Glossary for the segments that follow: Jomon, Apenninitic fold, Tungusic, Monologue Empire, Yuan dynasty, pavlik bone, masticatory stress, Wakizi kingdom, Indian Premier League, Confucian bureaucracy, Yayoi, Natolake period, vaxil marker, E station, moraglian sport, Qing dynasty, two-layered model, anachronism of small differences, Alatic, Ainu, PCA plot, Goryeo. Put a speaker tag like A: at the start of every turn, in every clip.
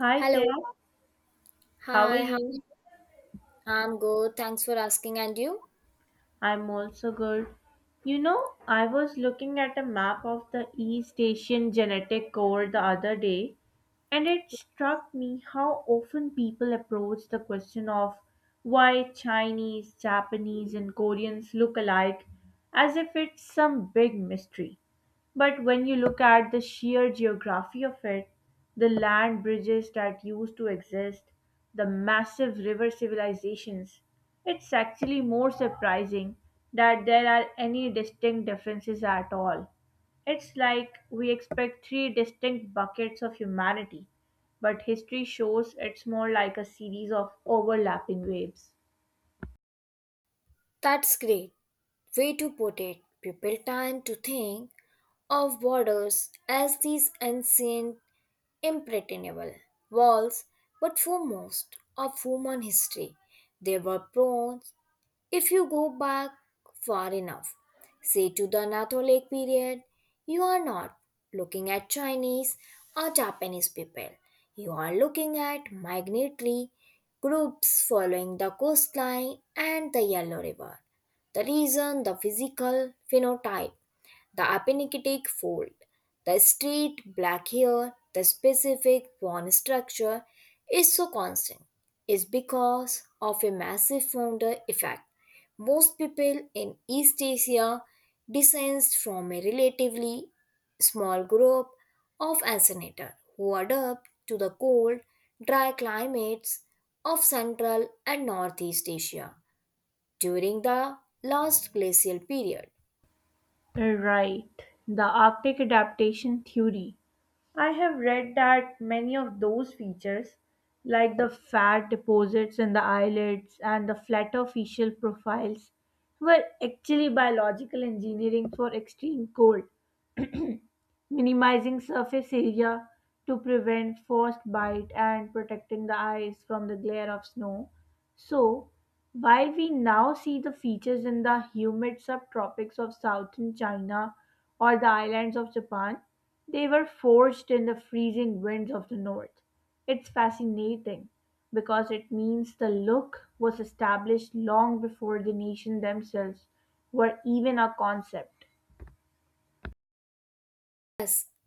A: Hi
B: Hello.
A: there, how are
B: Hi, how are
A: you?
B: you? I'm good. Thanks for asking. And you?
A: I'm also good. You know, I was looking at a map of the East Asian genetic code the other day, and it struck me how often people approach the question of why Chinese, Japanese, and Koreans look alike as if it's some big mystery. But when you look at the sheer geography of it, the land bridges that used to exist, the massive river civilizations, it's actually more surprising that there are any distinct differences at all. It's like we expect three distinct buckets of humanity, but history shows it's more like a series of overlapping waves.
B: That's great. Way to put it. People tend to think of borders as these ancient, impregnable walls, but for most of human history, they were prone. If you go back far enough, say to the Natolake period, you are not looking at Chinese or Japanese people. You are looking at migratory groups following the coastline and the Yellow River. The reason the physical phenotype the Apenninitic fold, the straight black hair, the specific bone structure is so constant is because of a massive founder effect. Most people in East Asia descend from a relatively small group of ancestors who adapt to the cold, dry climates of Central and Northeast Asia during the last glacial period.
A: Right, the Arctic adaptation theory. I have read that many of those features, like the fat deposits in the eyelids and the flatter facial profiles, were actually biological engineering for extreme cold, minimizing surface area to prevent frostbite and protecting the eyes from the glare of snow. So, while we now see the features in the humid subtropics of southern China or the islands of Japan, they were forged in the freezing winds of the north. It's fascinating because it means the look was established long before the nation themselves were even a concept.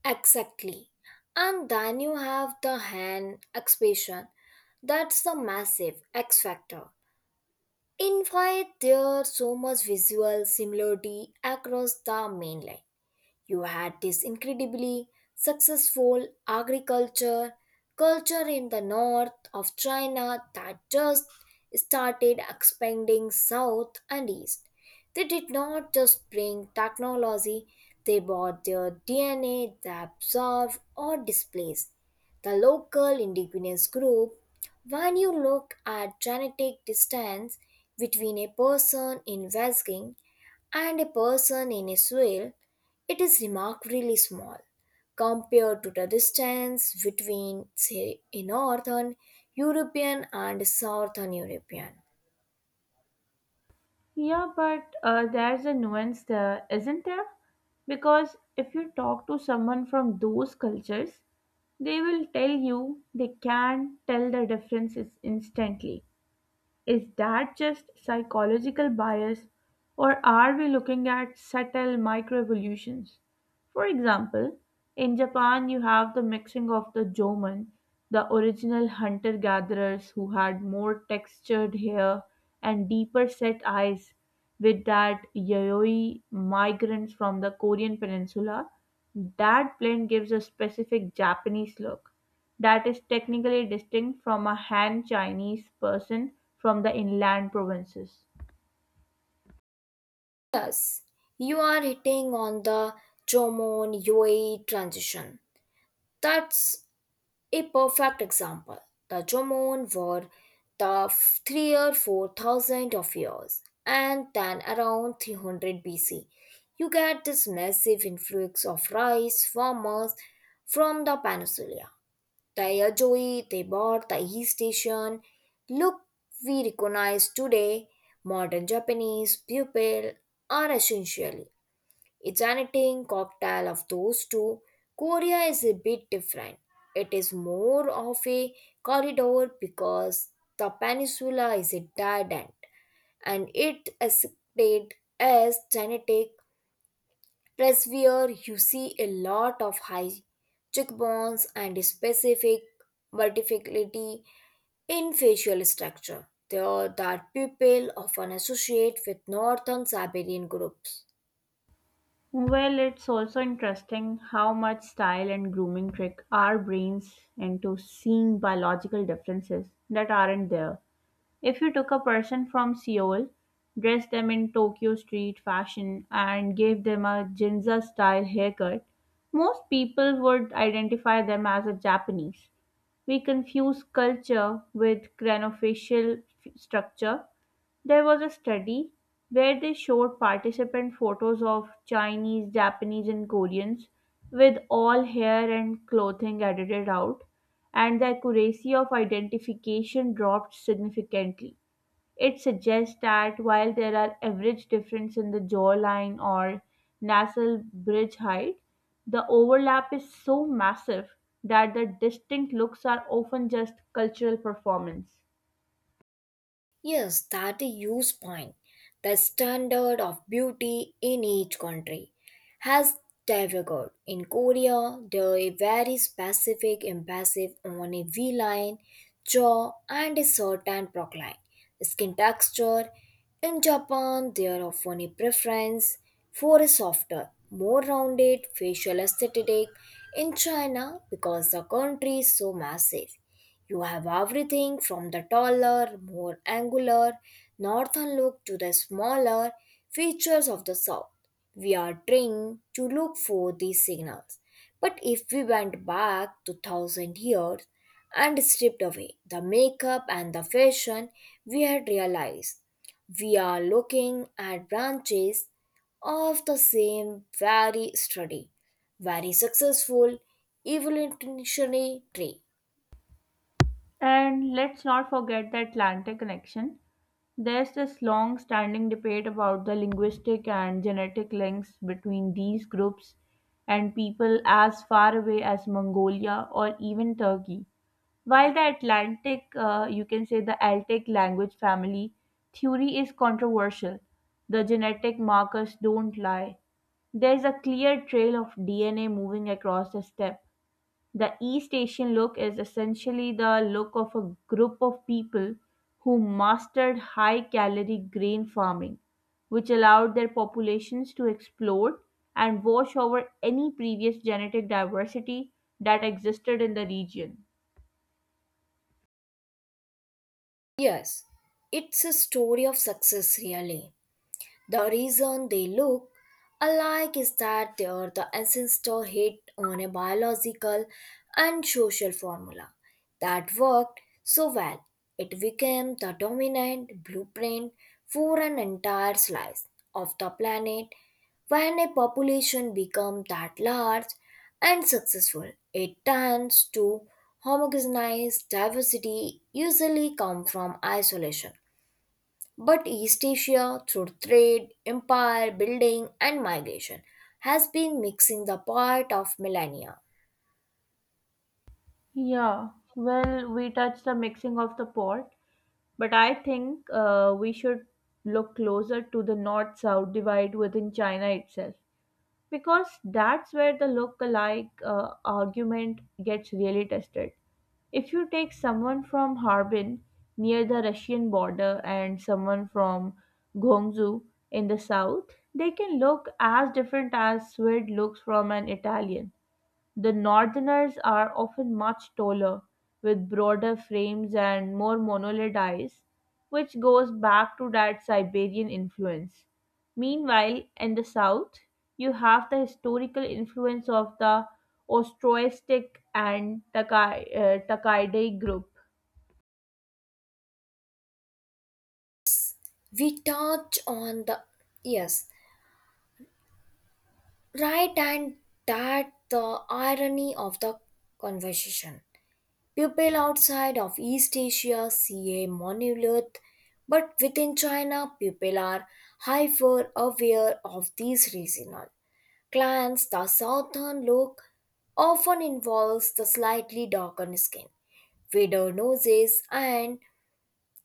B: Exactly. And then you have the hand expression. That's the massive X factor. In fact, there's so much visual similarity across the mainland. You had this incredibly successful agriculture culture in the north of China that just started expanding south and east. They did not just bring technology, they brought their DNA they absorbed or displaced. The local indigenous group, when you look at genetic distance between a person in West King and a person in Israel, it is remarkably small compared to the distance between, say, a Northern European and Southern European.
A: Yeah, but there's a nuance there, isn't there? Because if you talk to someone from those cultures, they will tell you they can tell the differences instantly. Is that just psychological bias, or are we looking at subtle microevolutions? For example, in Japan, you have the mixing of the Jomon, the original hunter gatherers who had more textured hair and deeper set eyes, with that Yayoi migrants from the Korean peninsula. That blend gives a specific Japanese look that is technically distinct from a Han Chinese person from the inland provinces.
B: Yes, you are hitting on the Jomon Yoi transition. That's a perfect example. The Jomon were three or four thousand of years, and then around 300 BC, you get this massive influx of rice farmers from the peninsula. The Yayoi they bought, the E station. Look, we recognize today modern Japanese people are essentially it's an eating cocktail of those two. Korea is a bit different. It is more of a corridor because the peninsula is a dead end and it is cited as genetic. Plus, where you see a lot of high cheekbones and specific versatility in facial structure. They are that people often associate with northern Siberian groups.
A: Well, it's also interesting how much style and grooming trick our brains into seeing biological differences that aren't there. If you took a person from Seoul, dressed them in Tokyo street fashion, and gave them a Ginza style haircut, most people would identify them as a Japanese. We confuse culture with craniofacial structure. There was a study where they showed participant photos of Chinese, Japanese and Koreans with all hair and clothing edited out, and the accuracy of identification dropped significantly. It suggests that while there are average difference in the jawline or nasal bridge height, the overlap is so massive that the distinct looks are often just cultural performance.
B: Yes, that is a huge point. The standard of beauty in each country has diverged. In Korea, the very specific emphasis on a V line, jaw, and a certain procline skin texture. In Japan, there often a preference for a softer, more rounded facial aesthetic. In China, because the country is so massive, you have everything from the taller, more angular northern look to the smaller features of the south. We are trained to look for these signals. But if we went back 2000 years and stripped away the makeup and the fashion, we had realized we are looking at branches of the same very sturdy, very successful evolutionary tree.
A: And let's not forget the Atlantic connection. There's this long standing debate about the linguistic and genetic links between these groups and people as far away as Mongolia or even Turkey. While the Atlantic, you can say the Altic language family theory is controversial, the genetic markers don't lie. There's a clear trail of DNA moving across the steppe. The East Asian look is essentially the look of a group of people who mastered high calorie grain farming, which allowed their populations to explode and wash over any previous genetic diversity that existed in the region.
B: Yes, it's a story of success, really. The reason they look alike is that they are the ancestor hit on a biological and social formula that worked so well it became the dominant blueprint for an entire slice of the planet. When a population becomes that large and successful, it tends to homogenize diversity usually come from isolation but East Asia, through trade, empire building, and migration, has been mixing the part of millennia.
A: Yeah, well, we touched the mixing of the pot, but I think we should look closer to the north south divide within China itself, because that's where the look-alike argument gets really tested. If you take someone from Harbin near the Russian border and someone from Guangzhou in the south, they can look as different as Swede looks from an Italian. The Northerners are often much taller, with broader frames and more monolid eyes, which goes back to that Siberian influence. Meanwhile, in the south, you have the historical influence of the Ostroestic and Takaidae group.
B: We touch on the yes, right, and that the irony of the conversation. People outside of East Asia see a monolith, but within China, people are hyper aware of these regional clans. The southern look often involves the slightly darker skin wider noses, and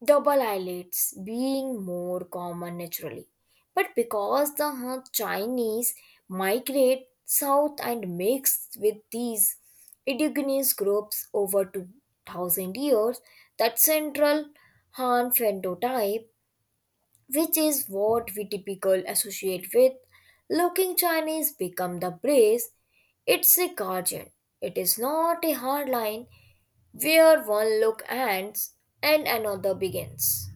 B: double eyelids being more common naturally. But because the Han Chinese migrate south and mix with these indigenous groups over 2000 years, that central Han phenotype which is what we typically associate with looking Chinese become the brace. It's a guardian. It is not a hard line where one look ends and another begins.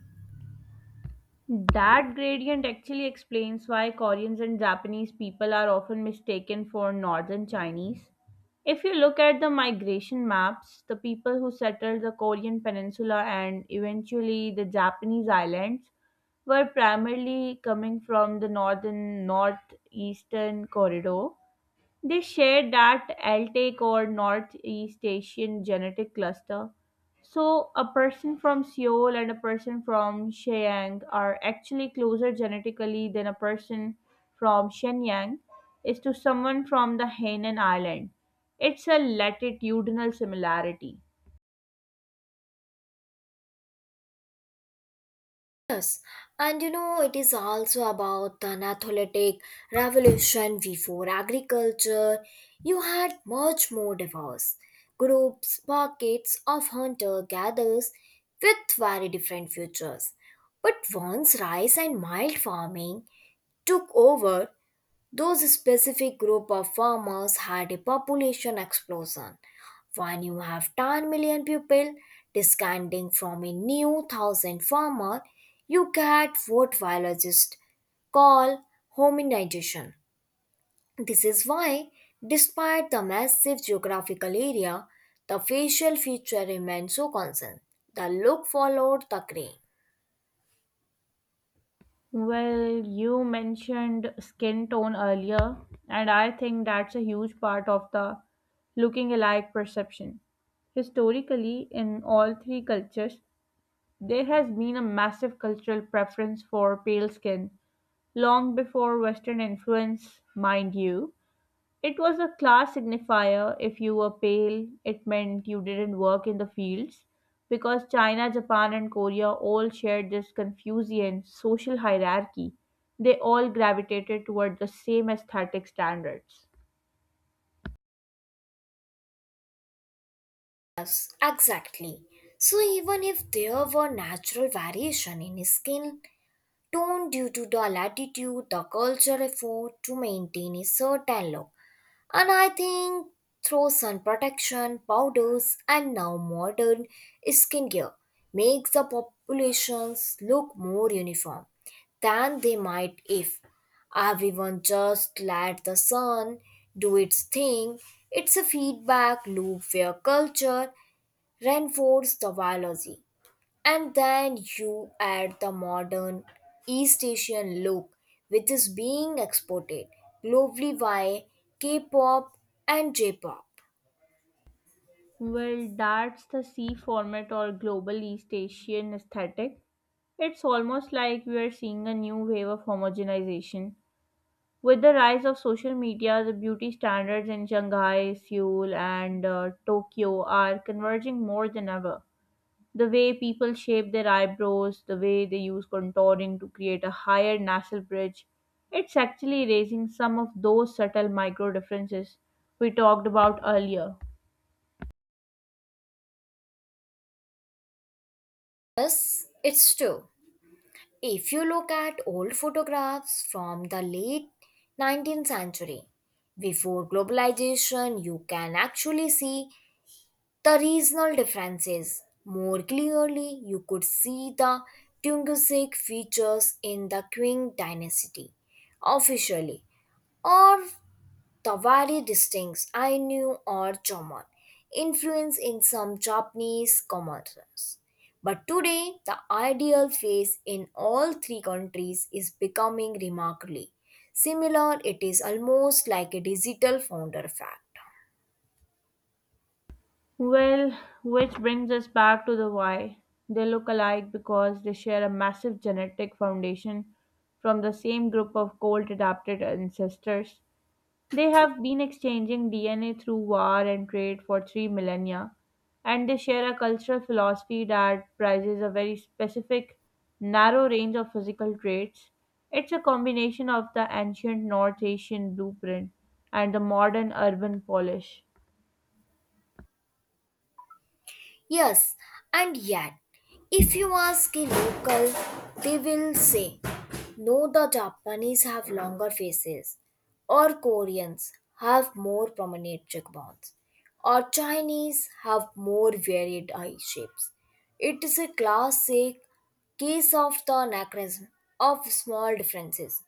A: That gradient actually explains why Koreans and Japanese people are often mistaken for northern Chinese. If you look at the migration maps, the people who settled the Korean peninsula and eventually the Japanese islands were primarily coming from the northern northeastern corridor. They share that Altaic or Northeast Asian genetic cluster. So, a person from Seoul and a person from Shenyang are actually closer genetically than a person from Shenyang is to someone from the Hainan Island. It's a latitudinal similarity.
B: Yes, and it is also about the Neolithic revolution before agriculture. You had much more diverse groups, pockets of hunter gatherers with very different futures. But once rice and mild farming took over, those specific group of farmers had a population explosion. When you have 10 million people descending from a new thousand farmer, you get what biologists call hominization. This is why, despite the massive geographical area, the facial feature remained so constant. The look followed the grain.
A: Well, you mentioned skin tone earlier, and I think that's a huge part of the looking alike perception. Historically, in all three cultures, there has been a massive cultural preference for pale skin long before Western influence, mind you. It was a class signifier. If you were pale, it meant you didn't work in the fields because China, Japan, and Korea all shared this Confucian social hierarchy. They all gravitated toward the same aesthetic standards.
B: Exactly. So even if there were natural variation in skin tone due to the latitude, the culture, effort to maintain a certain look. And I think through sun protection, powders, and now modern skincare makes the populations look more uniform than they might if everyone just let the sun do its thing. It's a feedback loop where culture reinforces the biology and then you add the modern East Asian look, which is being exported globally by K pop and J pop.
A: Well, that's the C format or global East Asian aesthetic. It's almost like we are seeing a new wave of homogenization. With the rise of social media, the beauty standards in Shanghai, Seoul, and Tokyo are converging more than ever. The way people shape their eyebrows, the way they use contouring to create a higher nasal bridge, it's actually raising some of those subtle micro differences we talked about earlier.
B: Yes, it's true. If you look at old photographs from the late 19th century, before globalization, you can actually see the regional differences. More clearly, you could see the Tungusic features in the Qing dynasty officially or the very distinct Ainu or Jomon influence in some Japanese commerce. But today, the ideal face in all three countries is becoming remarkably similar. It is almost like a digital founder fact.
A: Well, which brings us back to the why. They look alike because they share a massive genetic foundation from the same group of cold adapted ancestors. They have been exchanging DNA through war and trade for 3 millennia, and they share a cultural philosophy that prizes a very specific, narrow range of physical traits. It's a combination of the ancient North Asian blueprint and the modern urban polish.
B: Yes, and yet, if you ask a local, they will say, no, the Japanese have longer faces, or Koreans have more prominent cheekbones, or Chinese have more varied eye shapes. It is a classic case of the anachronism of small differences.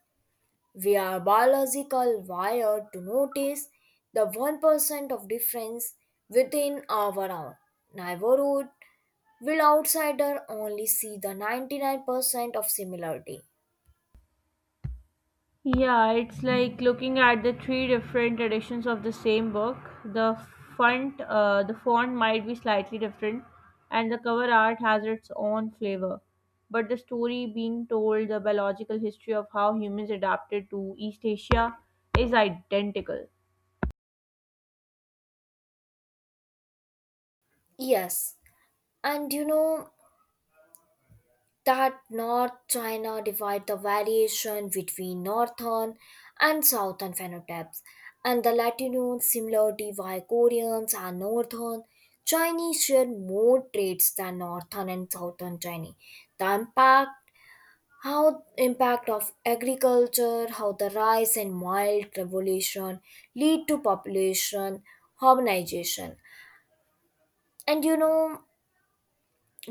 B: We are biological wired to notice the 1% of difference within our own neighborhood, will outsider only see the 99% of similarity.
A: Yeah, it's like looking at the three different editions of the same book. The the font might be slightly different, and the cover art has its own flavor. But the story being told, the biological history of how humans adapted to East Asia, is identical.
B: Yes, and that North China divide the variation between northern and southern phenotypes, and the Latinos, similarity. Why Koreans and northern Chinese share more traits than northern and southern Chinese. The impact how impact of agriculture, how the rise and mild revolution lead to population harmonization. And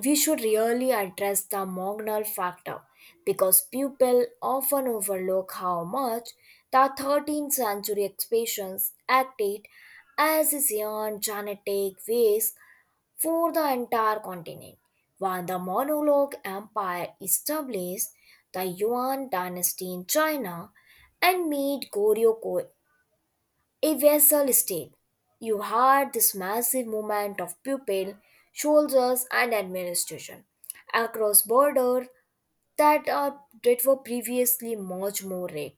B: we should really address the marginal factor because people often overlook how much the 13th century expansions acted as a giant genetic risk for the entire continent. When the Monologue Empire established the Yuan dynasty in China and made Goryeo a vessel state. You had this massive movement of people, soldiers, and administration across borders that were previously much more red.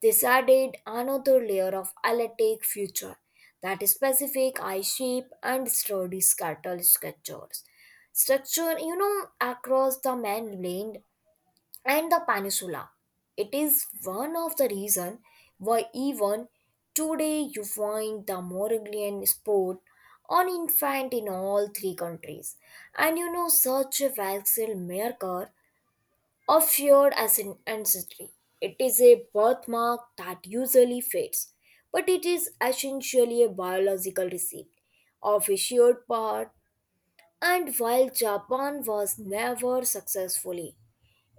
B: This added another layer of Alatic future that is specific eye shape and sturdy skeletal structures. Structure, across the mainland and the peninsula it is one of the reason why even today you find the moraglian sport on infant in all three countries and such a vaxil marker of fear as an ancestry it is a birthmark that usually fades but it is essentially a biological receipt of a shared part and while Japan was never successfully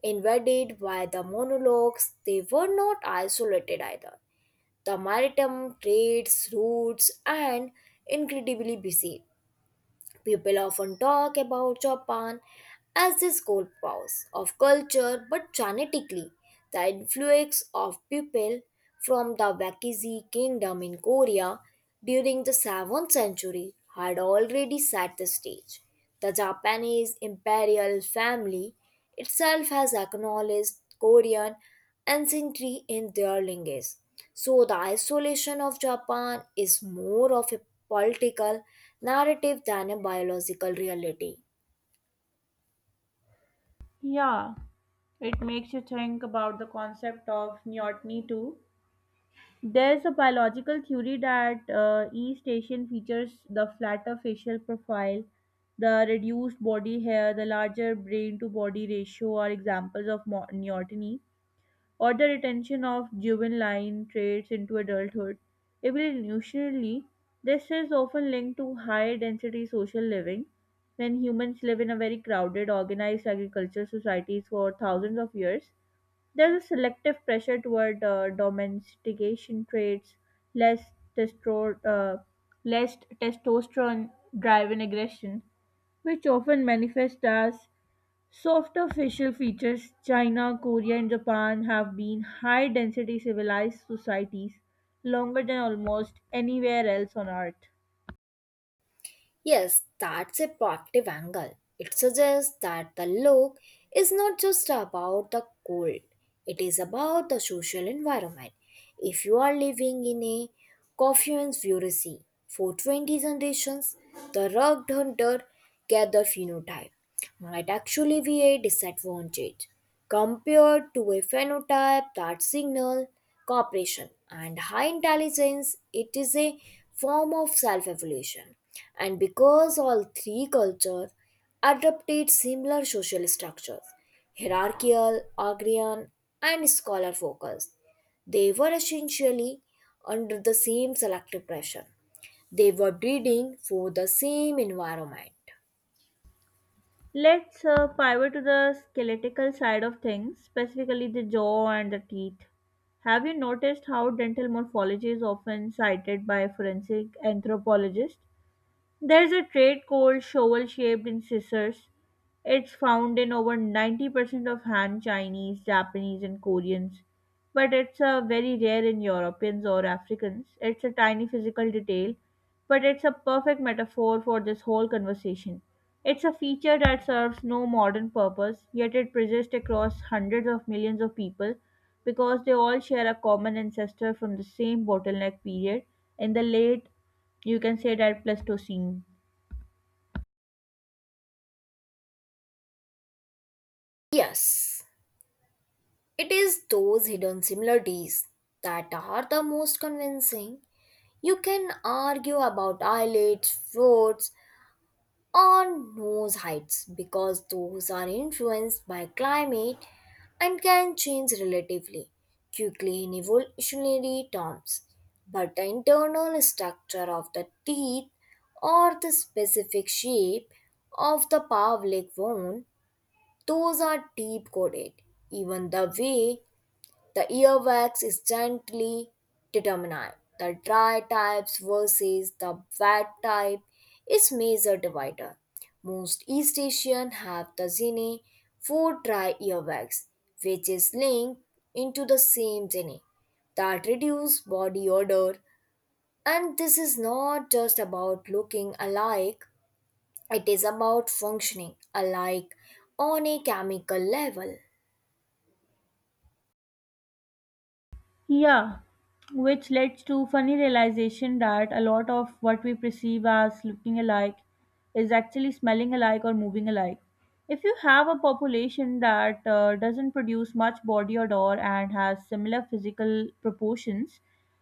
B: invaded by the monologues, they were not isolated either. The maritime trades, routes, and incredibly busy. People often talk about Japan as this gold powerhouse of culture, but genetically, the influx of people from the Wakizi kingdom in Korea during the 7th century had already set the stage. The Japanese imperial family itself has acknowledged Korean ancestry in their language. So the isolation of Japan is more of a political narrative than a biological reality.
A: Yeah, it makes you think about the concept of neoteny too. There's a biological theory that East Asian features, the flatter facial profile, the reduced body hair, the larger brain to body ratio, are examples of neoteny, or the retention of juvenile traits into adulthood. Evolutionarily, this is often linked to high density social living. When humans live in a very crowded, organized agricultural societies for thousands of years, there's a selective pressure toward domestication traits, less, testro- uh, less testosterone driven aggression, which often manifest as softer facial features. China, Korea, and Japan have been high density civilized societies longer than almost anywhere else on earth.
B: Yes, that's a proactive angle. It suggests that the look is not just about the cold, it is about the social environment. If you are living in a Confucian bureaucracy for 20 generations, the rugged hunter gatherer phenotype might actually be a disadvantage compared to a phenotype that signals cooperation and high intelligence. It is a form of self-evolution. And because all three cultures adopted similar social structures, hierarchical, agrarian, and scholar focused, they were essentially under the same selective pressure. They were breeding for the same environment.
A: Let's pivot to the skeletal side of things, specifically the jaw and the teeth. Have you noticed how dental morphology is often cited by forensic anthropologists? There's a trait called shovel shaped incisors. It's found in over 90% of Han Chinese, Japanese, and Koreans, but it's very rare in Europeans or Africans. It's a tiny physical detail, but it's a perfect metaphor for this whole conversation. It's a feature that serves no modern purpose, yet it persists across hundreds of millions of people because they all share a common ancestor from the same bottleneck period in the late, you can say that Pleistocene.
B: Yes, it is those hidden similarities that are the most convincing. You can argue about eyelids, throats, or nose heights because those are influenced by climate and can change relatively quickly in evolutionary terms. But the internal structure of the teeth or the specific shape of the pavlik bone, those are deep coded. Even the way the earwax is gently determined. The dry types versus the wet type is major divider. Most East Asian have the gene for dry earwax, which is linked into the same gene that reduce body odor. And this is not just about looking alike, it is about functioning alike on a chemical level.
A: Yeah, which leads to funny realization that a lot of what we perceive as looking alike is actually smelling alike or moving alike. If you have a population that doesn't produce much body odor and has similar physical proportions,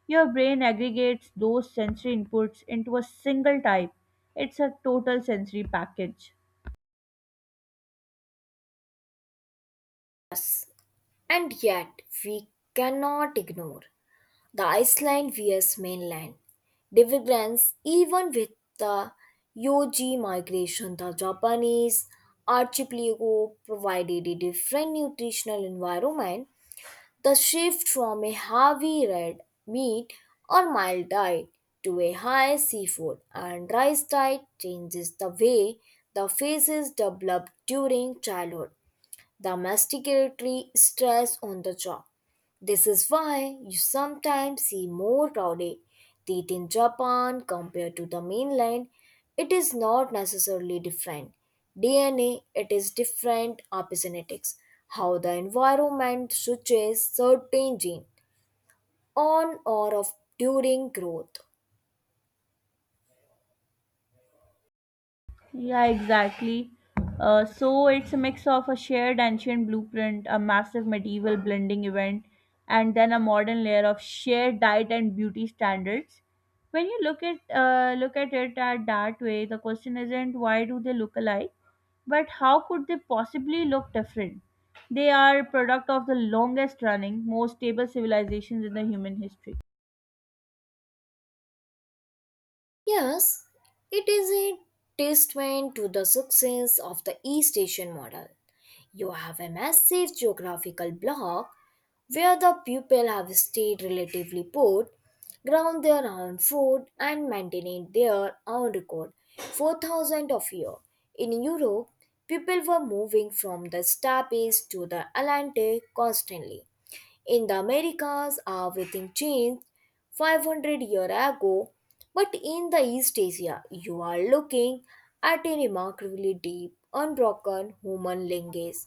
A: your brain aggregates those sensory inputs into a single type. It's a total sensory package.
B: And yet, we cannot ignore the Iceland vs mainland divergence even with the Yoji migration, the Japanese archipelago provided a different nutritional environment. The shift from a heavy red meat or mild diet to a high seafood and rice diet changes the way the faces develop during childhood, the masticatory stress on the job. This is why you sometimes see more crowded teeth in Japan compared to the mainland. It is not necessarily different. DNA, it is different epigenetics, how the environment switches certain gene on or off during growth.
A: Yeah, exactly. So it's a mix of a shared ancient blueprint, a massive medieval blending event, and then a modern layer of shared diet and beauty standards. When you look at it at that way, the question isn't why do they look alike, but how could they possibly look different? They are product of the longest running, most stable civilizations in the human history.
B: Yes, it is a testament to the success of the East Asian model. You have a massive geographical block where the people have stayed relatively put, grown their own food, and maintained their own record for thousands of years. In Europe, people were moving from the steppes to the Atlantic constantly. In the Americas, everything changed 500 years ago, but in the East Asia, you are looking at a remarkably deep, unbroken human lineage.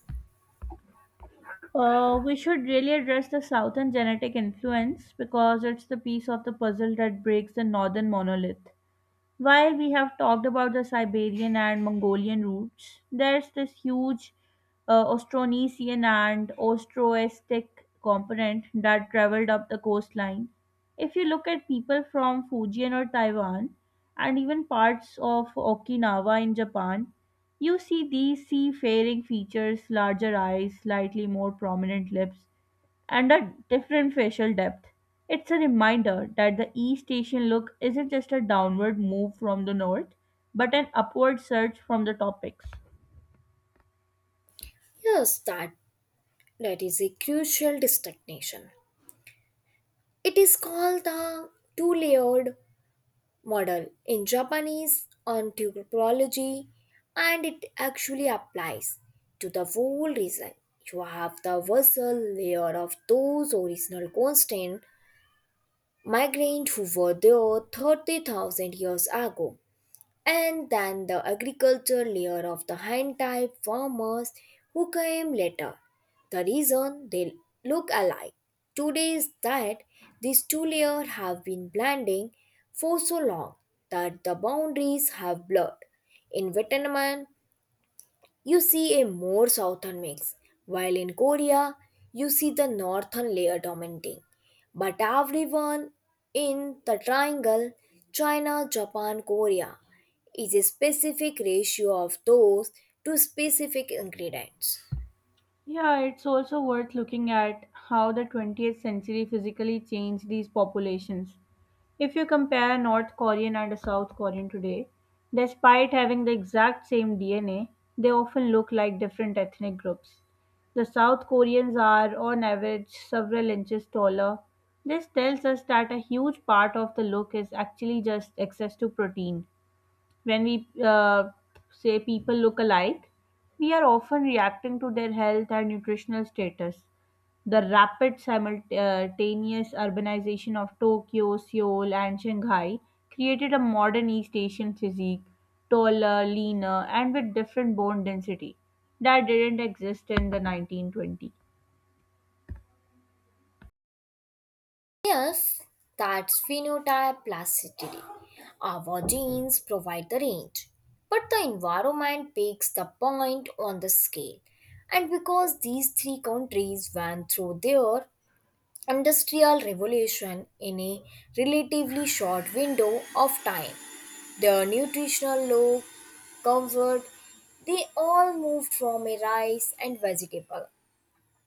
A: We should really address the southern genetic influence because it's the piece of the puzzle that breaks the northern monolith. While we have talked about the Siberian and Mongolian routes, there's this huge Austronesian and Austroastic component that traveled up the coastline. If you look at people from Fujian or Taiwan, and even parts of Okinawa in Japan, you see these seafaring features, larger eyes, slightly more prominent lips, and a different facial depth. It's a reminder that the East Asian look isn't just a downward move from the North, but an upward surge from the topics.
B: Yes, that that is a crucial distinction. It is called the two-layered model in Japanese ontology, and it actually applies to the whole reason. You have the vessel layer of those original constant migrants who were there 30,000 years ago and then the agriculture layer of the hand type farmers who came later. The reason they look alike today is that these two layers have been blending for so long that the boundaries have blurred. In Vietnam, you see a more southern mix, while in Korea, you see the northern layer dominating. But everyone in the triangle, China, Japan, Korea, is a specific ratio of those two specific ingredients.
A: Yeah, it's also worth looking at how the 20th century physically changed these populations. If you compare North Korean and a South Korean today, despite having the exact same DNA, they often look like different ethnic groups. The South Koreans are, on average, several inches taller. This tells us that a huge part of the look is actually just access to protein. When we say people look alike, we are often reacting to their health and nutritional status. The rapid simultaneous urbanization of Tokyo, Seoul, and Shanghai created a modern East Asian physique, taller, leaner, and with different bone density that didn't exist in the 1920s.
B: Yes, that's phenotype plasticity. Our genes provide the range, but the environment picks the point on the scale. And because these three countries went through their industrial revolution in a relatively short window of time. Their nutritional law, comfort, they all moved from a rice and vegetable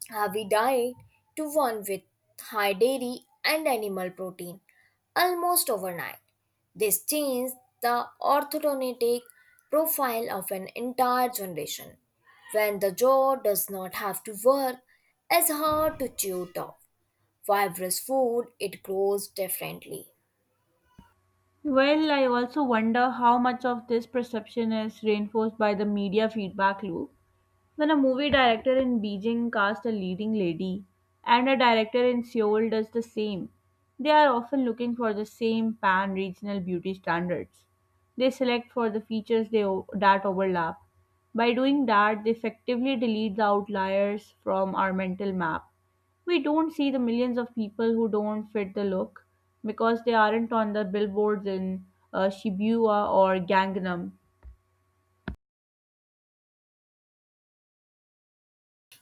B: heavy diet to one with high dairy and animal protein almost overnight. This changed the orthodontic profile of an entire generation when the jaw does not have to work as hard to chew top for every food, it grows differently.
A: Well, I also wonder how much of this perception is reinforced by the media feedback loop. When a movie director in Beijing casts a leading lady and a director in Seoul does the same, they are often looking for the same pan regional beauty standards. They select for the features that overlap. By doing that, they effectively delete the outliers from our mental map. We don't see the millions of people who don't fit the look because they aren't on the billboards in Shibuya or Gangnam.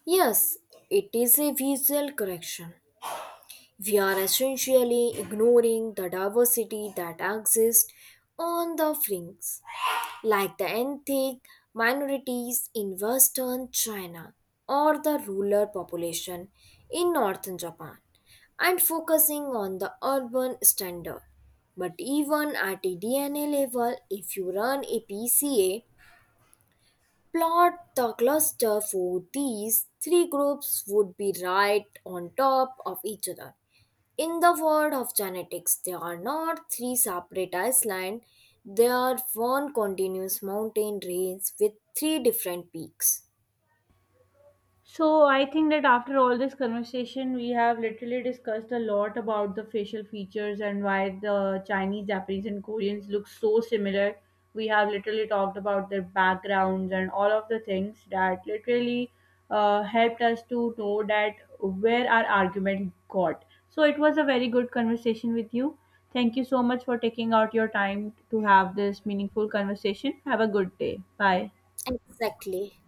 B: Yes, it is a visual correction. We are essentially ignoring the diversity that exists on the fringes, like the ethnic minorities in western China or the rural population in northern Japan, and focusing on the urban standard. But even at a DNA level, if you run a PCA plot the cluster for these three groups would be right on top of each other. In the world of genetics, there are not three separate islands, they are one continuous mountain range with three different peaks.
A: So I think that after all this conversation, we have literally discussed a lot about the facial features and why the Chinese, Japanese, and Koreans look so similar. We have literally talked about their backgrounds and all of the things that literally helped us to know that where our argument got. So it was a very good conversation with you. Thank you so much for taking out your time to have this meaningful conversation. Have a good day. Bye.
B: Exactly.